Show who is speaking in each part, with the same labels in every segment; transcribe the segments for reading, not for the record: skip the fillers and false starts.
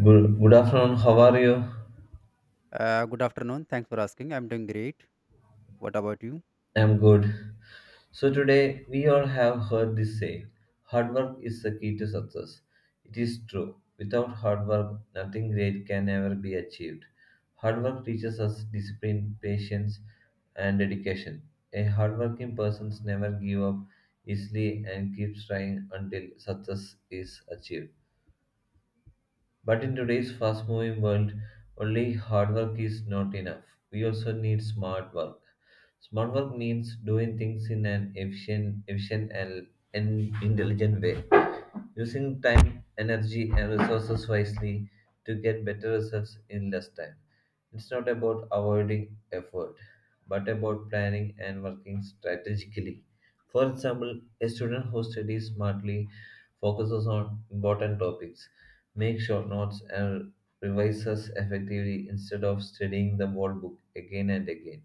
Speaker 1: Good afternoon. How are you?
Speaker 2: Good afternoon. Thanks for asking. I'm doing great. What about you?
Speaker 1: I'm good. So today we all have heard this saying, hard work is the key to success. It is true. Without hard work, nothing great can ever be achieved. Hard work teaches us discipline, patience, and dedication. A hardworking person never gives up easily and keeps trying until success is achieved. But in today's fast moving world, only hard work is not enough. We also need smart work. Smart work means doing things in an efficient and intelligent way, using time, energy, and resources wisely to get better results in less time. It's not about avoiding effort, but about planning and working strategically. For example, a student who studies smartly focuses on important topics, make short notes, and revises effectively instead of studying the whole book again and again.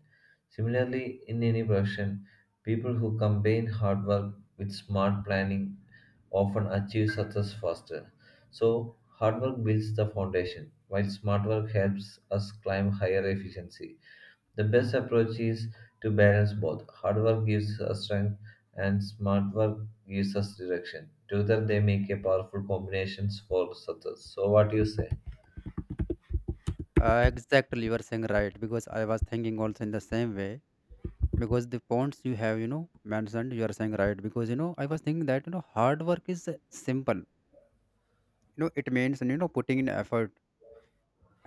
Speaker 1: Similarly, in any profession, people who combine hard work with smart planning often achieve success faster. So, hard work builds the foundation, while smart work helps us climb higher efficiency. The best approach is to balance both. Hard work gives us strength and smart work gives us direction. Together they make a powerful combination for success. So what do you say?
Speaker 2: Exactly, you are saying right, because I was thinking also in the same way because the points you have, mentioned, you are saying right because I was thinking that hard work is simple. You know, it means putting in effort,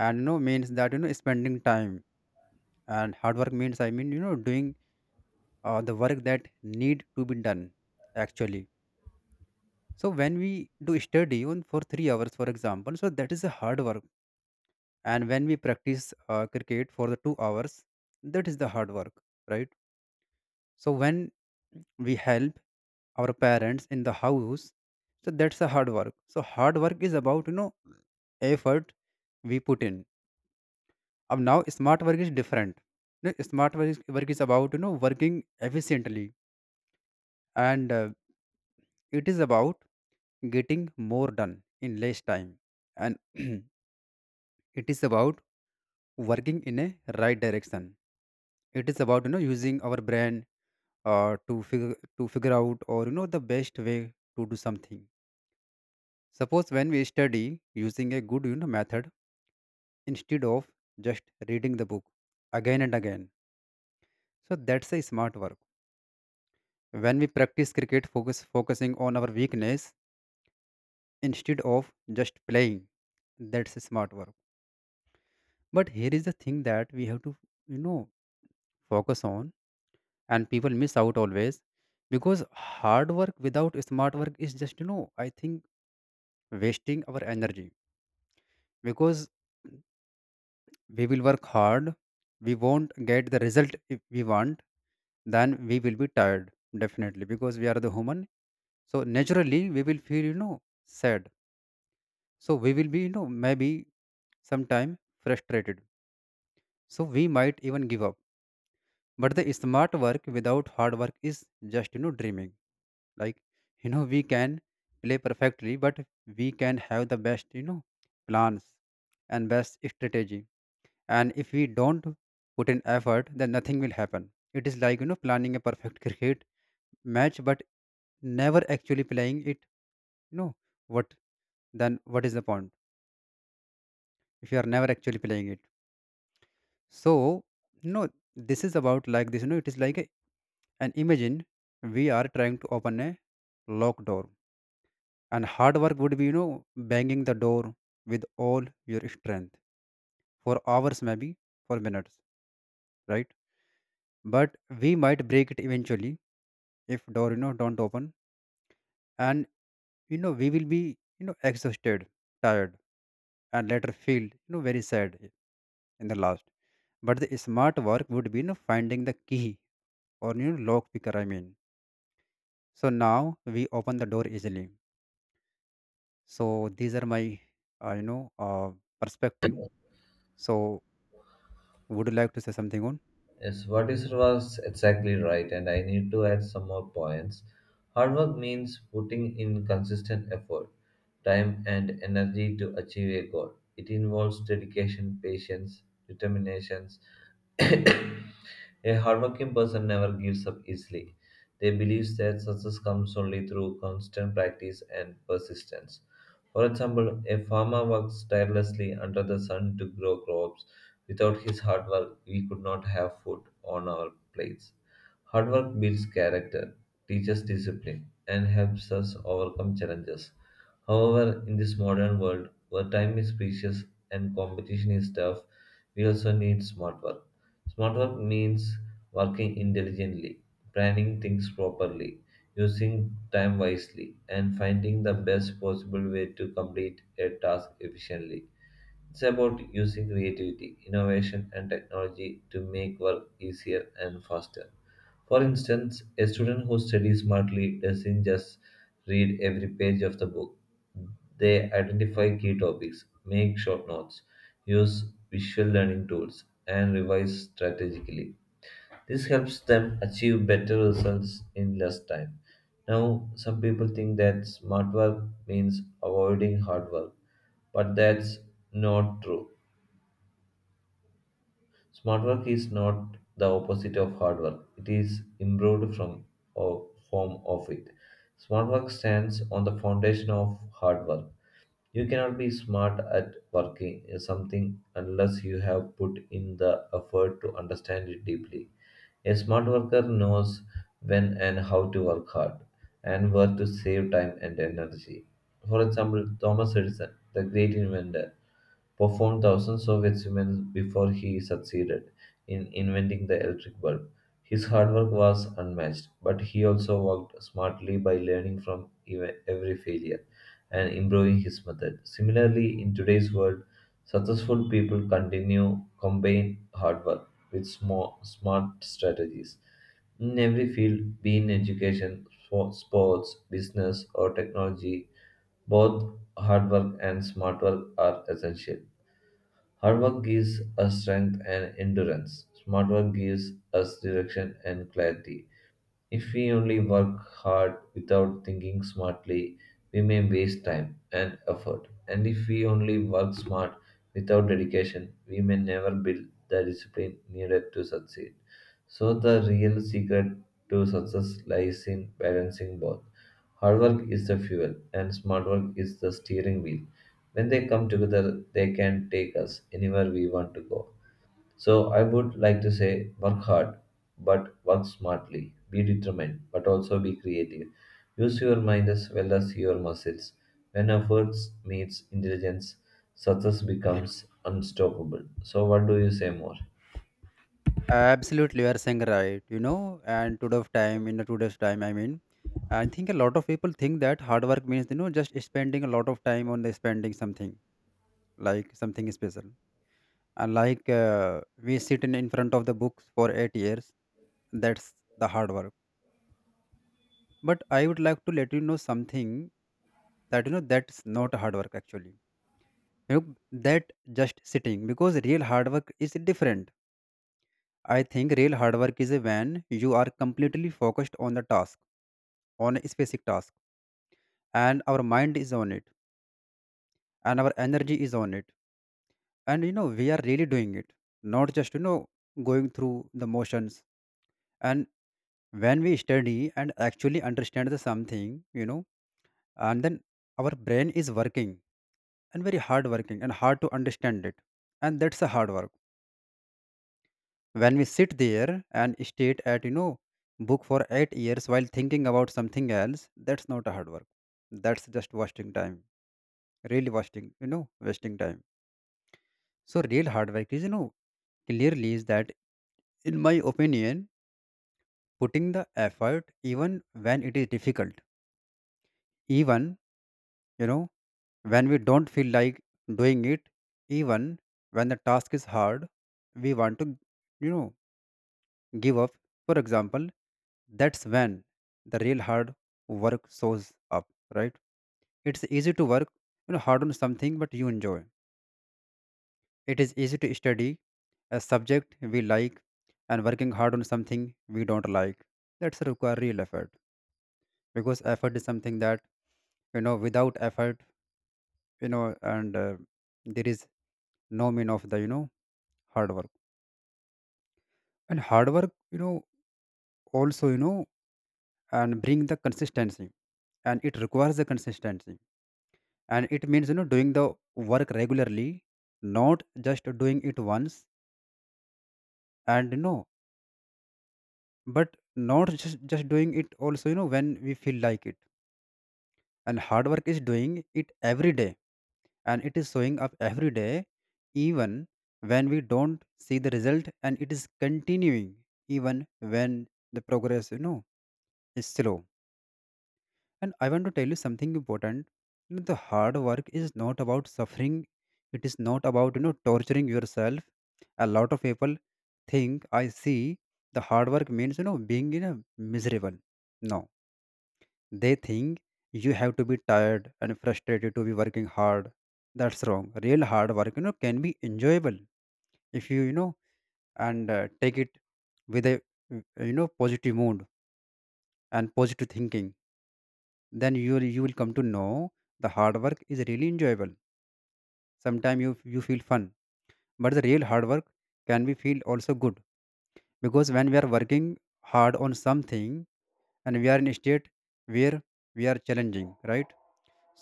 Speaker 2: and means that spending time, and hard work means doing the work that need to be done actually. So when we do study on for 3 hours, for example, so that is a hard work, and when we practice cricket for the 2 hours, that is the hard work, right? So when we help our parents in the house, so that's the hard work. So hard work is about effort we put in. अब now smart work is different. No, smart work is about working efficiently, and it is about getting more done in less time, and it is about working in a right direction. It is about using our brain, to figure out, or the best way to do something. Suppose when we study using a good method, instead of just reading the book again and again, so that's a smart work. When we practice cricket, focusing on our weakness instead of just playing, that's a smart work. But here is the thing that we have to you know focus on, and people miss out always, because hard work without smart work is just I think wasting our energy. Because we will work hard, we won't get the result if we want, then we will be tired, definitely, because we are the human. So naturally we will feel sad. So we will be maybe sometime frustrated, so we might even give up. But the smart work without hard work is just dreaming. Like, we can play perfectly, but we can have the best plans and best strategy, and if we don't put in effort, then nothing will happen. It is like planning a perfect cricket match but never actually playing it. You know what? Then what is the point if you are never actually playing it? So no, this is about like this. It is like, and imagine we are trying to open a locked door, and hard work would be banging the door with all your strength for hours, maybe for minutes, right? But we might break it eventually if door don't open, and we will be exhausted, tired, and later feel very sad in the last. But the smart work would be finding the key, or lock picker, so now we open the door easily. So these are my uh, you know uh, perspective. So would you like to say something on?
Speaker 1: Yes, what is was exactly right, and I need to add some more points. Hard work means putting in consistent effort, time, and energy to achieve a goal. It involves dedication, patience, determinations. A hardworking person never gives up easily. They believe that success comes only through constant practice and persistence. For example, a farmer works tirelessly under the sun to grow crops. Without his hard work, we could not have food on our plates. Hard work builds character, teaches discipline, and helps us overcome challenges. However, in this modern world where time is precious and competition is tough, we also need smart work. Smart work means working intelligently, planning things properly, using time wisely, and finding the best possible way to complete a task efficiently. It's about using creativity, innovation, and technology to make work easier and faster. For instance, a student who studies smartly doesn't just read every page of the book. They identify key topics, make short notes, use visual learning tools, and revise strategically. This helps them achieve better results in less time. Now, some people think that smart work means avoiding hard work, but that's not true. Smart work is not the opposite of hard work. It is improved from or form of it. Smart work stands on the foundation of hard work. You cannot be smart at working in something unless you have put in the effort to understand it deeply. A smart worker knows when and how to work hard and where to save time and energy. For example, Thomas Edison, the great inventor, performed thousands of experiments before he succeeded in inventing the electric bulb. His hard work was unmatched, but he also worked smartly by learning from every failure and improving his method. Similarly, in today's world, successful people continue combine hard work with small, smart strategies. In every field, be in education, for sports, business, or technology, both hard work and smart work are essential. Hard work gives us strength and endurance. Smart work gives us direction and clarity. If we only work hard without thinking smartly, we may waste time and effort. And if we only work smart without dedication, we may never build the discipline needed to succeed. So, the real secret to success lies in balancing both. Hard work is the fuel, and smart work is the steering wheel. When they come together, they can take us anywhere we want to go. So I would like to say work hard, but work smartly. Be determined, but also be creative. Use your mind as well as your muscles. When efforts meets intelligence, success becomes unstoppable. So what do you say more?
Speaker 2: Absolutely, you are saying right. You know, and today's time, in the today's time, I think a lot of people think that hard work means just spending a lot of time on the spending something like something special. And like we sit in front of the books for 8 years, that's the hard work. But I would like to let you know something that that's not hard work actually. You know, that just sitting, because real hard work is different. I think real hard work is when you are completely focused on the task, on a specific task, and our mind is on it, and our energy is on it, and we are really doing it, not just going through the motions. And when we study and actually understand the something, you know, and then our brain is working and very hard working and hard to understand it, and that's a hard work. When we sit there and state at book for 8 years while thinking about something else, that's not a hard work, that's just wasting time, really wasting, wasting time. So real hard work is, clearly, is that, in my opinion, putting the effort even when it is difficult, even you know when we don't feel like doing it, even when the task is hard, we want to you know give up, for example. That's when the real hard work shows up, right? It's easy to work, you know, hard on something but you enjoy. It is easy to study a subject we like, and working hard on something we don't like, that's require real effort. Because effort is something that, without effort, and there is no mean of the hard work. And hard work, also, and bring the consistency, and it requires the consistency, and it means doing the work regularly, not just doing it once, and but not just doing it also when we feel like it. And hard work is doing it every day, and it is showing up every day even when we don't see the result, and it is continuing even when the progress, is slow. And I want to tell you something important. You know, the hard work is not about suffering. It is not about torturing yourself. A lot of people think, I see, the hard work means being in a miserable. No, they think you have to be tired and frustrated to be working hard. That's wrong. Real hard work, can be enjoyable if you, you know and take it with a positive mood and positive thinking, then you will come to know the hard work is really enjoyable. Sometimes you you feel fun. But the real hard work can be feel also good, because when we are working hard on something, and we are in a state where we are challenging, right?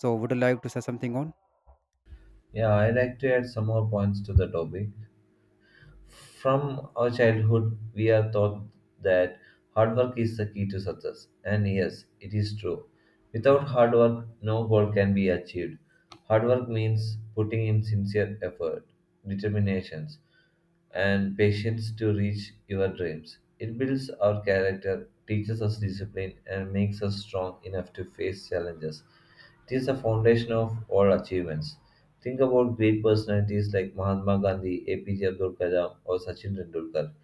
Speaker 2: So would you like to say something on?
Speaker 1: Yeah, I like to add some more points to the topic. From our childhood, we are taught that hard work is the key to success. And yes, it is true. Without hard work, no goal can be achieved. Hard work means putting in sincere effort, determinations, and patience to reach your dreams. It builds our character, teaches us discipline, and makes us strong enough to face challenges. It is the foundation of all achievements. Think about great personalities like Mahatma Gandhi, APJ Abdul Kalam, or Sachin Tendulkar.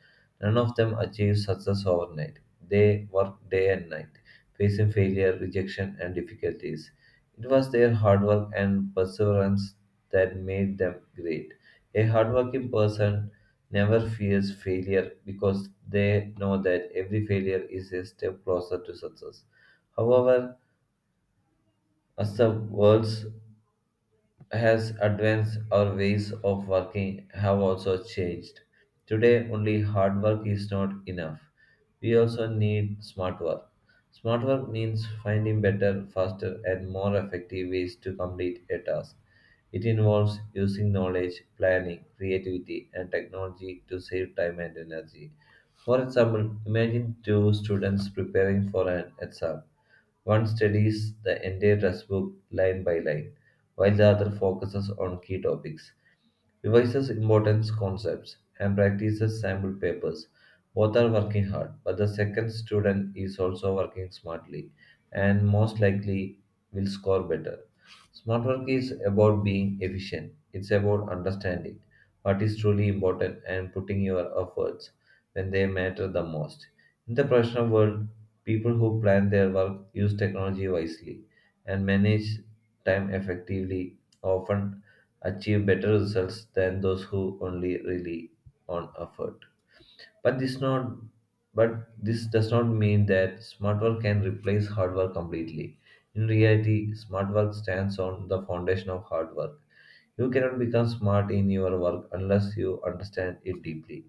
Speaker 1: None of them achieved success overnight. They worked day and night, facing failure, rejection, and difficulties. It was their hard work and perseverance that made them great. A hardworking person never fears failure because they know that every failure is a step closer to success. However, as the world's has advanced, our ways of working have also changed. Today, only hard work is not enough. We also need smart work. Smart work means finding better, faster, and more effective ways to complete a task. It involves using knowledge, planning, creativity, and technology to save time and energy. For example, imagine two students preparing for an exam. One studies the entire textbook line by line while the other focuses on key topics, revises important concepts, and practices sample papers. Both are working hard, but the second student is also working smartly and most likely will score better. Smart work is about being efficient. It's about understanding what is truly important and putting your efforts when they matter the most. In the professional world, people who plan their work, use technology wisely, and manage time effectively often achieve better results than those who only rely on effort. But this not but this does not mean that smart work can replace hard work completely. In reality, smart work stands on the foundation of hard work. You cannot become smart in your work unless you understand it deeply.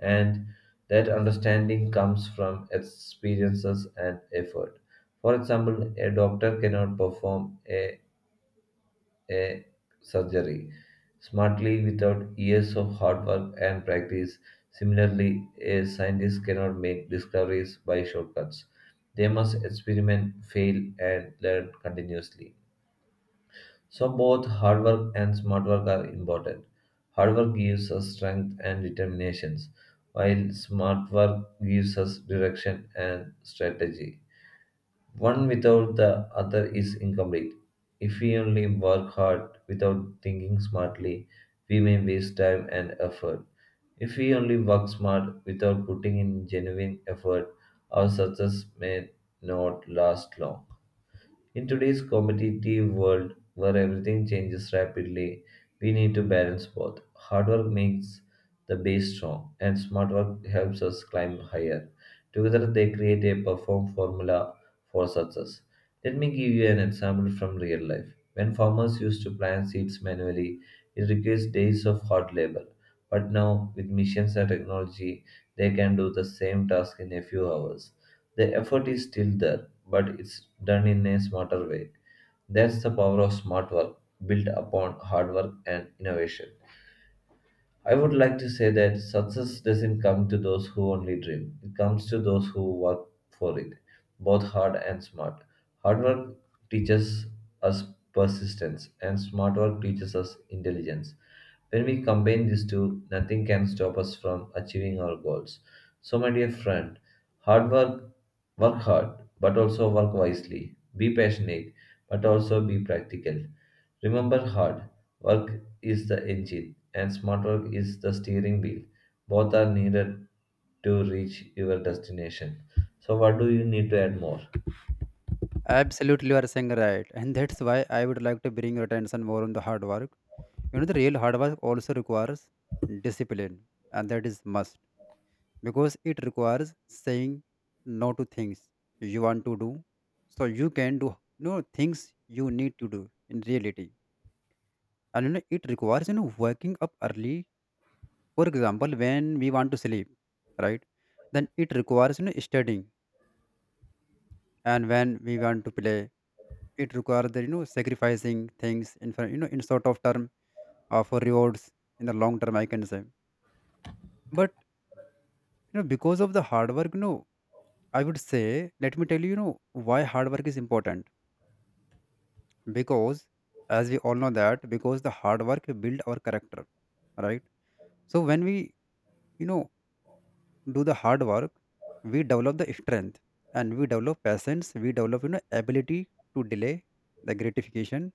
Speaker 1: And that understanding comes from experiences and effort. For example, a doctor cannot perform a surgery smartly without years of hard work and practice. Similarly, a scientist cannot make discoveries by shortcuts. They must experiment, fail, and learn continuously. So, both hard work and smart work are important. Hard work gives us strength and determinations, while smart work gives us direction and strategy. One without the other is incomplete. If we only work hard without thinking smartly, we may waste time and effort. If we only work smart without putting in genuine effort, our success may not last long. In today's competitive world where everything changes rapidly, we need to balance both. Hard work makes the base strong, and smart work helps us climb higher. Together, they create a perform formula for success. Let me give you an example from real life. When farmers used to plant seeds manually, it requires days of hard labor. But now, with machines and technology, they can do the same task in a few hours. The effort is still there, but it's done in a smarter way. That's the power of smart work, built upon hard work and innovation. I would like to say that success doesn't come to those who only dream. It comes to those who work for it, both hard and smart. Hard work teaches us persistence, and smart work teaches us intelligence. When we combine these two, nothing can stop us from achieving our goals. So, my dear friend, hard work, work hard, but also work wisely. Be passionate, but also be practical. Remember, hard work is the engine and smart work is the steering wheel. Both are needed to reach your destination. So what do you need to add more?
Speaker 2: Absolutely, you are saying right, and that's why I would like to bring your attention more on the hard work. You know, the real hard work also requires discipline, and that is must, because it requires saying no to things you want to do, so you can do, things you need to do in reality. And it requires waking up early, for example, when we want to sleep, right? Then it requires studying and when we want to play. It requires the, sacrificing things in in sort of term, for rewards in the long term, I can say. But because of the hard work, I would say, let me tell you, you know why hard work is important. Because, as we all know, that because the hard work build our character, right? So when we, you know do the hard work, we develop the strength, and we develop patience, we develop ability to delay the gratification,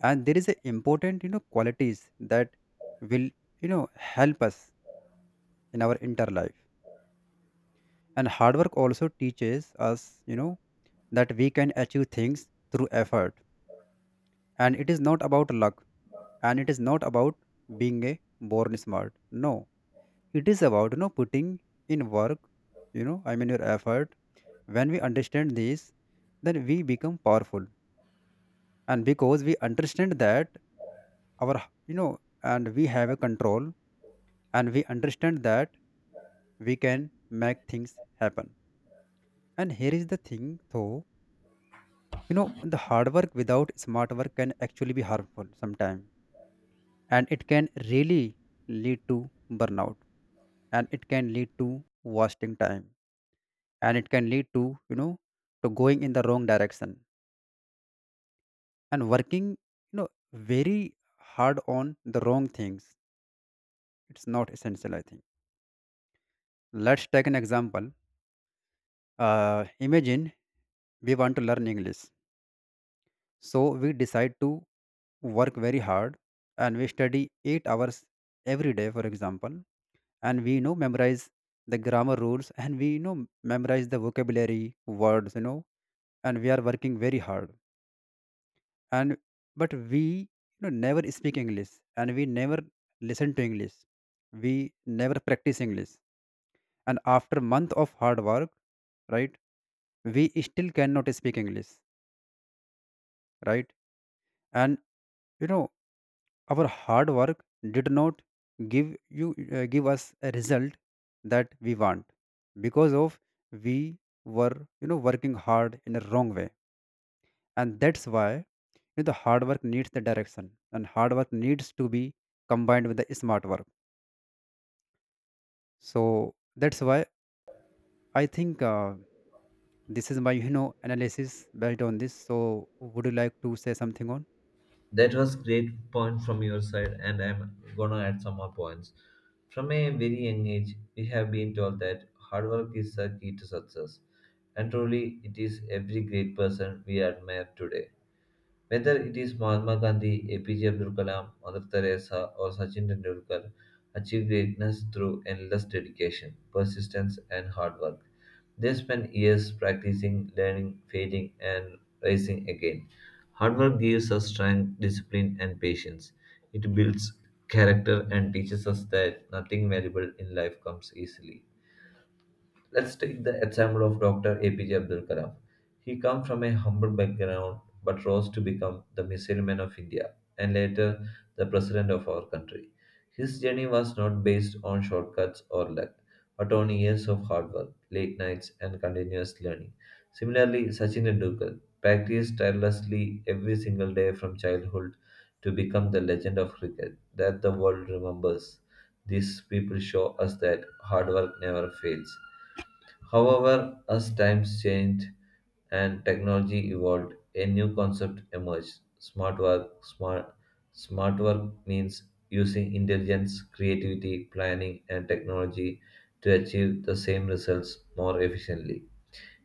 Speaker 2: and there is a important qualities that will help us in our inner life. And hard work also teaches us that we can achieve things through effort, and it is not about luck, and it is not about being a born smart. No, it is about putting in work, you know I mean your effort. When we understand this, then we become powerful. And because we understand that, our, you know and we have a control, and we understand that we can make things happen. And here is the thing though, the hard work without smart work can actually be harmful sometime, and it can really lead to burnout, and it can lead to wasting time, and it can lead to, you know to going in the wrong direction and working, you know very hard on the wrong things. It's not essential, I think. Let's take an example. uh, Imagine we want to learn English, so we decide to work very hard, and we study 8 hours every day, for example. And we, memorize the grammar rules, and we, memorize the vocabulary words, you know, and we are working very hard. And but we, never speak English, and we never listen to English, we never practice English. And after month of hard work, right, we still cannot speak English, right? And, you know our hard work did not give you, give us a result that we want, because of we were, working hard in a wrong way. And that's why, you know, the hard work needs the direction, and hard work needs to be combined with the smart work. So that's why I think this is my analysis based on this. So would you like to say something on?
Speaker 1: That was great point from your side and I'm gonna add some more points. From a very young age, we have been told that hard work is the key to success. And truly, it is every great person we admire today. Whether it is Mahatma Gandhi, APJ Abdul Kalam, Mother Teresa, or Sachin Tendulkar, achieved greatness through endless dedication, persistence, and hard work. They spent years practicing, learning, failing, and rising again. Hard work gives us strength, discipline, and patience. It builds character and teaches us that nothing valuable in life comes easily. Let's take the example of Dr. APJ Abdul Kalam. He came from a humble background but rose to become the missile man of India and later the president of our country. His journey was not based on shortcuts or luck, but on years of hard work, late nights, and continuous learning. Similarly, Sachin Tendulkar practiced tirelessly every single day from childhood to become the legend of cricket that the world remembers. These people show us that hard work never fails. However, as times changed and technology evolved, a new concept emerged: smart work. Smart work means using intelligence, creativity, planning, and technology to achieve the same results more efficiently.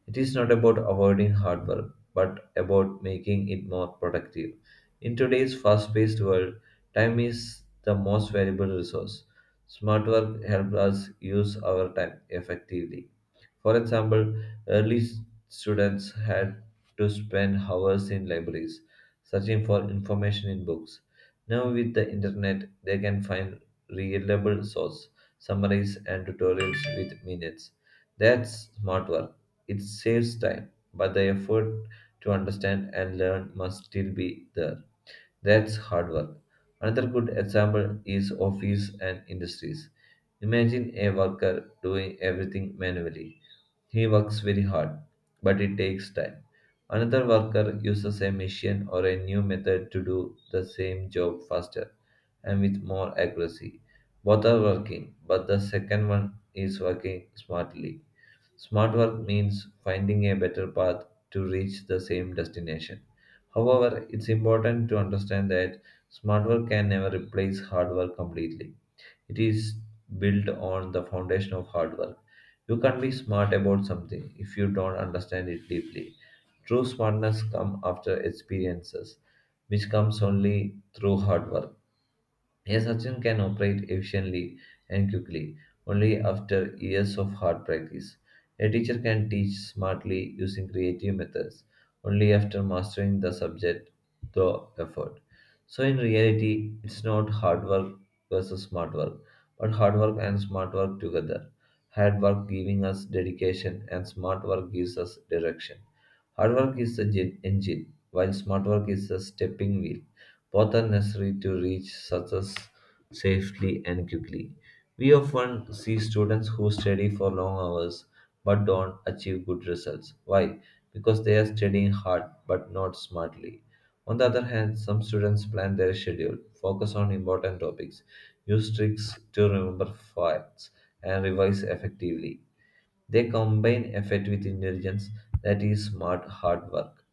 Speaker 1: It is not about avoiding hard work, but about making it more productive. In today's fast paced world, time is the most valuable resource. Smart work helps us use our time effectively. For example, early students had to spend hours in libraries searching for information in books. Now, with the internet, they can find reliable sources, summaries, and tutorials with minutes. That's smart work. It saves time, but the effort to understand and learn must still be there. That's hard work. Another good example is office and industries. Imagine a worker doing everything manually. He works very hard, but it takes time. Another worker uses a machine or a new method to do the same job faster and with more accuracy. Both are working, but the second one is working smartly. Smart work means finding a better path to reach the same destination. However, it's important to understand that smart work can never replace hard work completely. It is built on the foundation of hard work. You can't be smart about something if you don't understand it deeply. True smartness comes after experiences, which comes only through hard work. A surgeon can operate efficiently and quickly, only after years of hard practice. A teacher can teach smartly using creative methods, only after mastering the subject through effort. So, in reality, it's not hard work versus smart work, but hard work and smart work together. Hard work giving us dedication, and smart work gives us direction. Hard work is the engine, while smart work is the stepping wheel. Both are necessary to reach success safely and quickly. We often see students who study for long hours but don't achieve good results. Why? Because they are studying hard but not smartly. On the other hand, some students plan their schedule, focus on important topics, use tricks to remember facts, and revise effectively. They combine effort with intelligence, that is, smart hard work.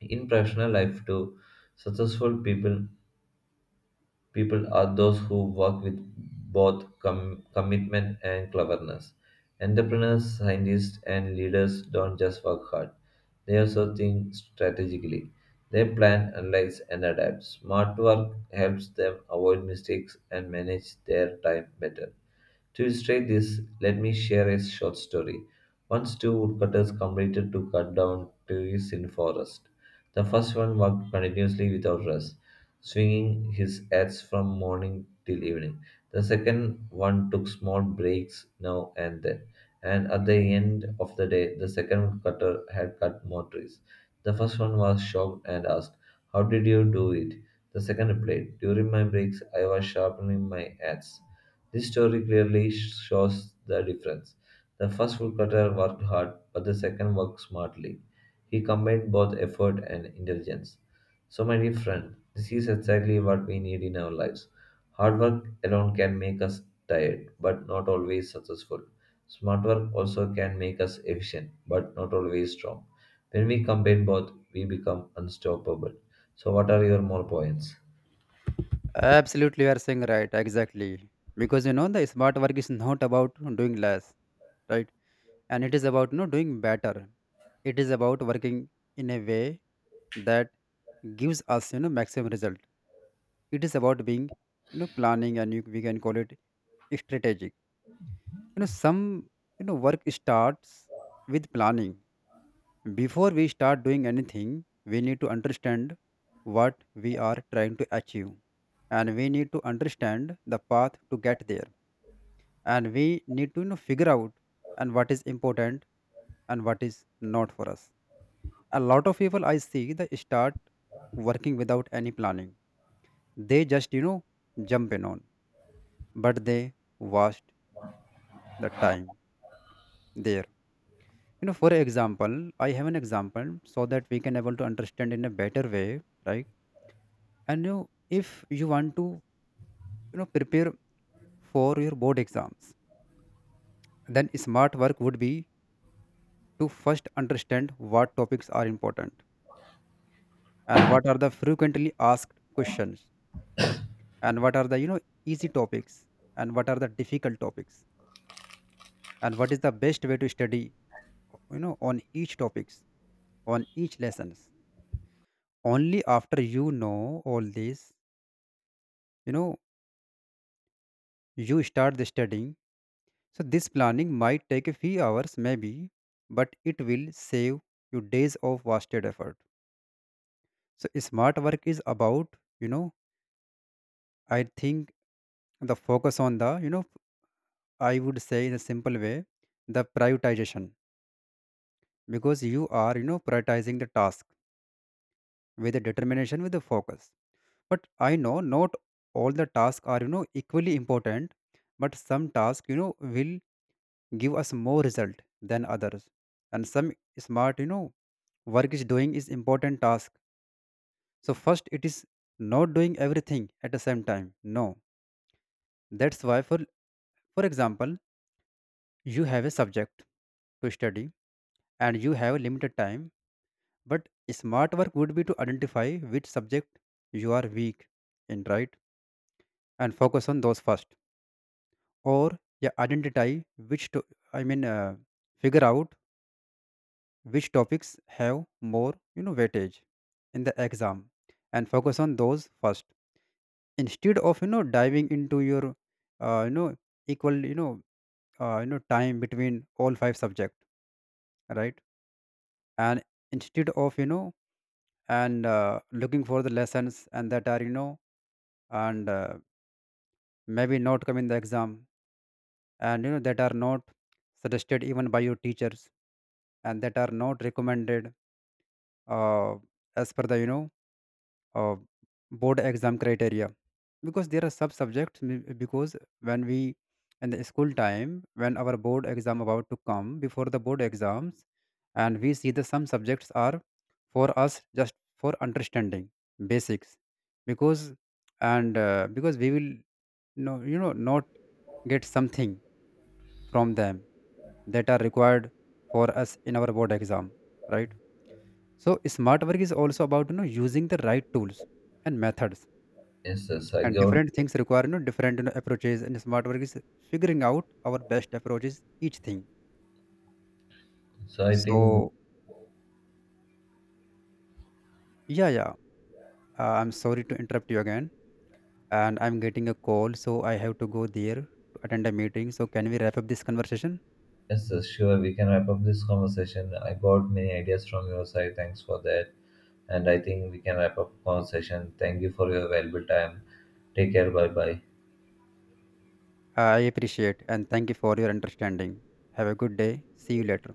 Speaker 1: In professional life, too, successful People are those who work with both commitment and cleverness. Entrepreneurs, scientists, and leaders don't just work hard, they also think strategically. They plan, analyze, and adapt. Smart work helps them avoid mistakes and manage their time better. To illustrate this, let me share a short story. Once two woodcutters completed to cut down trees in forest. The first one worked continuously without rest, swinging his axe from morning till evening. The second one took small breaks now and then, and at the end of the day, the second cutter had cut more trees. The first one was shocked and asked, "How did you do it?" The second replied, "During my breaks, I was sharpening my axe." This story clearly shows the difference. The first woodcutter worked hard, but the second worked smartly. He combined both effort and intelligence. So, my dear friend, this is exactly what we need in our lives. Hard work alone can make us tired, but not always successful. Smart work also can make us efficient, but not always strong. When we combine both, we become unstoppable. So, what are your more points?
Speaker 2: Absolutely, you are saying right, exactly. Because the smart work is not about doing less, right? And it is about doing better. It is about working in a way that gives us maximum result. It is about being, planning, and you, we can call it strategic. Some work starts with planning. Before we start doing anything, we need to understand what we are trying to achieve. And we need to understand the path to get there. And we need to, figure out and what is important and what is not for us. A lot of people I see, they start working without any planning. They just, jump in on. But they wasted the time there. You know, for example, I have an example so that we can able to understand in a better way, right? And you, if you want to, prepare for your board exams, then smart work would be to first understand what topics are important, and what are the frequently asked questions, and what are the easy topics, and what are the difficult topics, and what is the best way to study, on each topics, on each lessons. Only after all this, you know you start the studying. So this planning might take a few hours, maybe, but it will save you days of wasted effort. So smart work is about, you know I think the focus on the, I would say in a simple way, the prioritization. Because you are, prioritizing the task with a determination, with the focus. But I know not all the tasks are equally important, but some tasks, will give us more result than others. And some smart, work is doing is important task. So first, it is not doing everything at the same time, no. That's why, for example, you have a subject to study and you have a limited time. But smart work would be to identify which subject you are weak in, right, and focus on those first. Or yeah, identify which to, i mean uh, figure out which topics have more weightage in the exam, and focus on those first, instead of diving into your uh, you know equal, time between all five subject, right. And instead of you know and looking for the lessons and that are you know and maybe not come in the exam, and you know that are not suggested even by your teachers, and that are not recommended, uh, as per the uh, board exam criteria. Because there are sub subjects because when we in the school time, when our board exam about to come, before the board exams, and we see the some subjects are for us just for understanding basics. Because and because we will no not get something from them that are required for us in our board exam, right. So smart work is also about using the right tools and methods.
Speaker 1: Yes, yes, I
Speaker 2: And
Speaker 1: got.
Speaker 2: different things require, different, approaches, and smart work is figuring out our best approaches each thing.
Speaker 1: So I think
Speaker 2: So yeah, I'm sorry to interrupt you again, and I'm getting a call, so I have to go there to attend a meeting. So can we wrap up this conversation?
Speaker 1: yes, yes, sure. We can wrap up this conversation. I got many ideas from your side. Thanks for that. And I think we can wrap up conversation. Thank you for your valuable time. Take care. Bye bye.
Speaker 2: I appreciate and thank you for your understanding. Have a good day, see you later.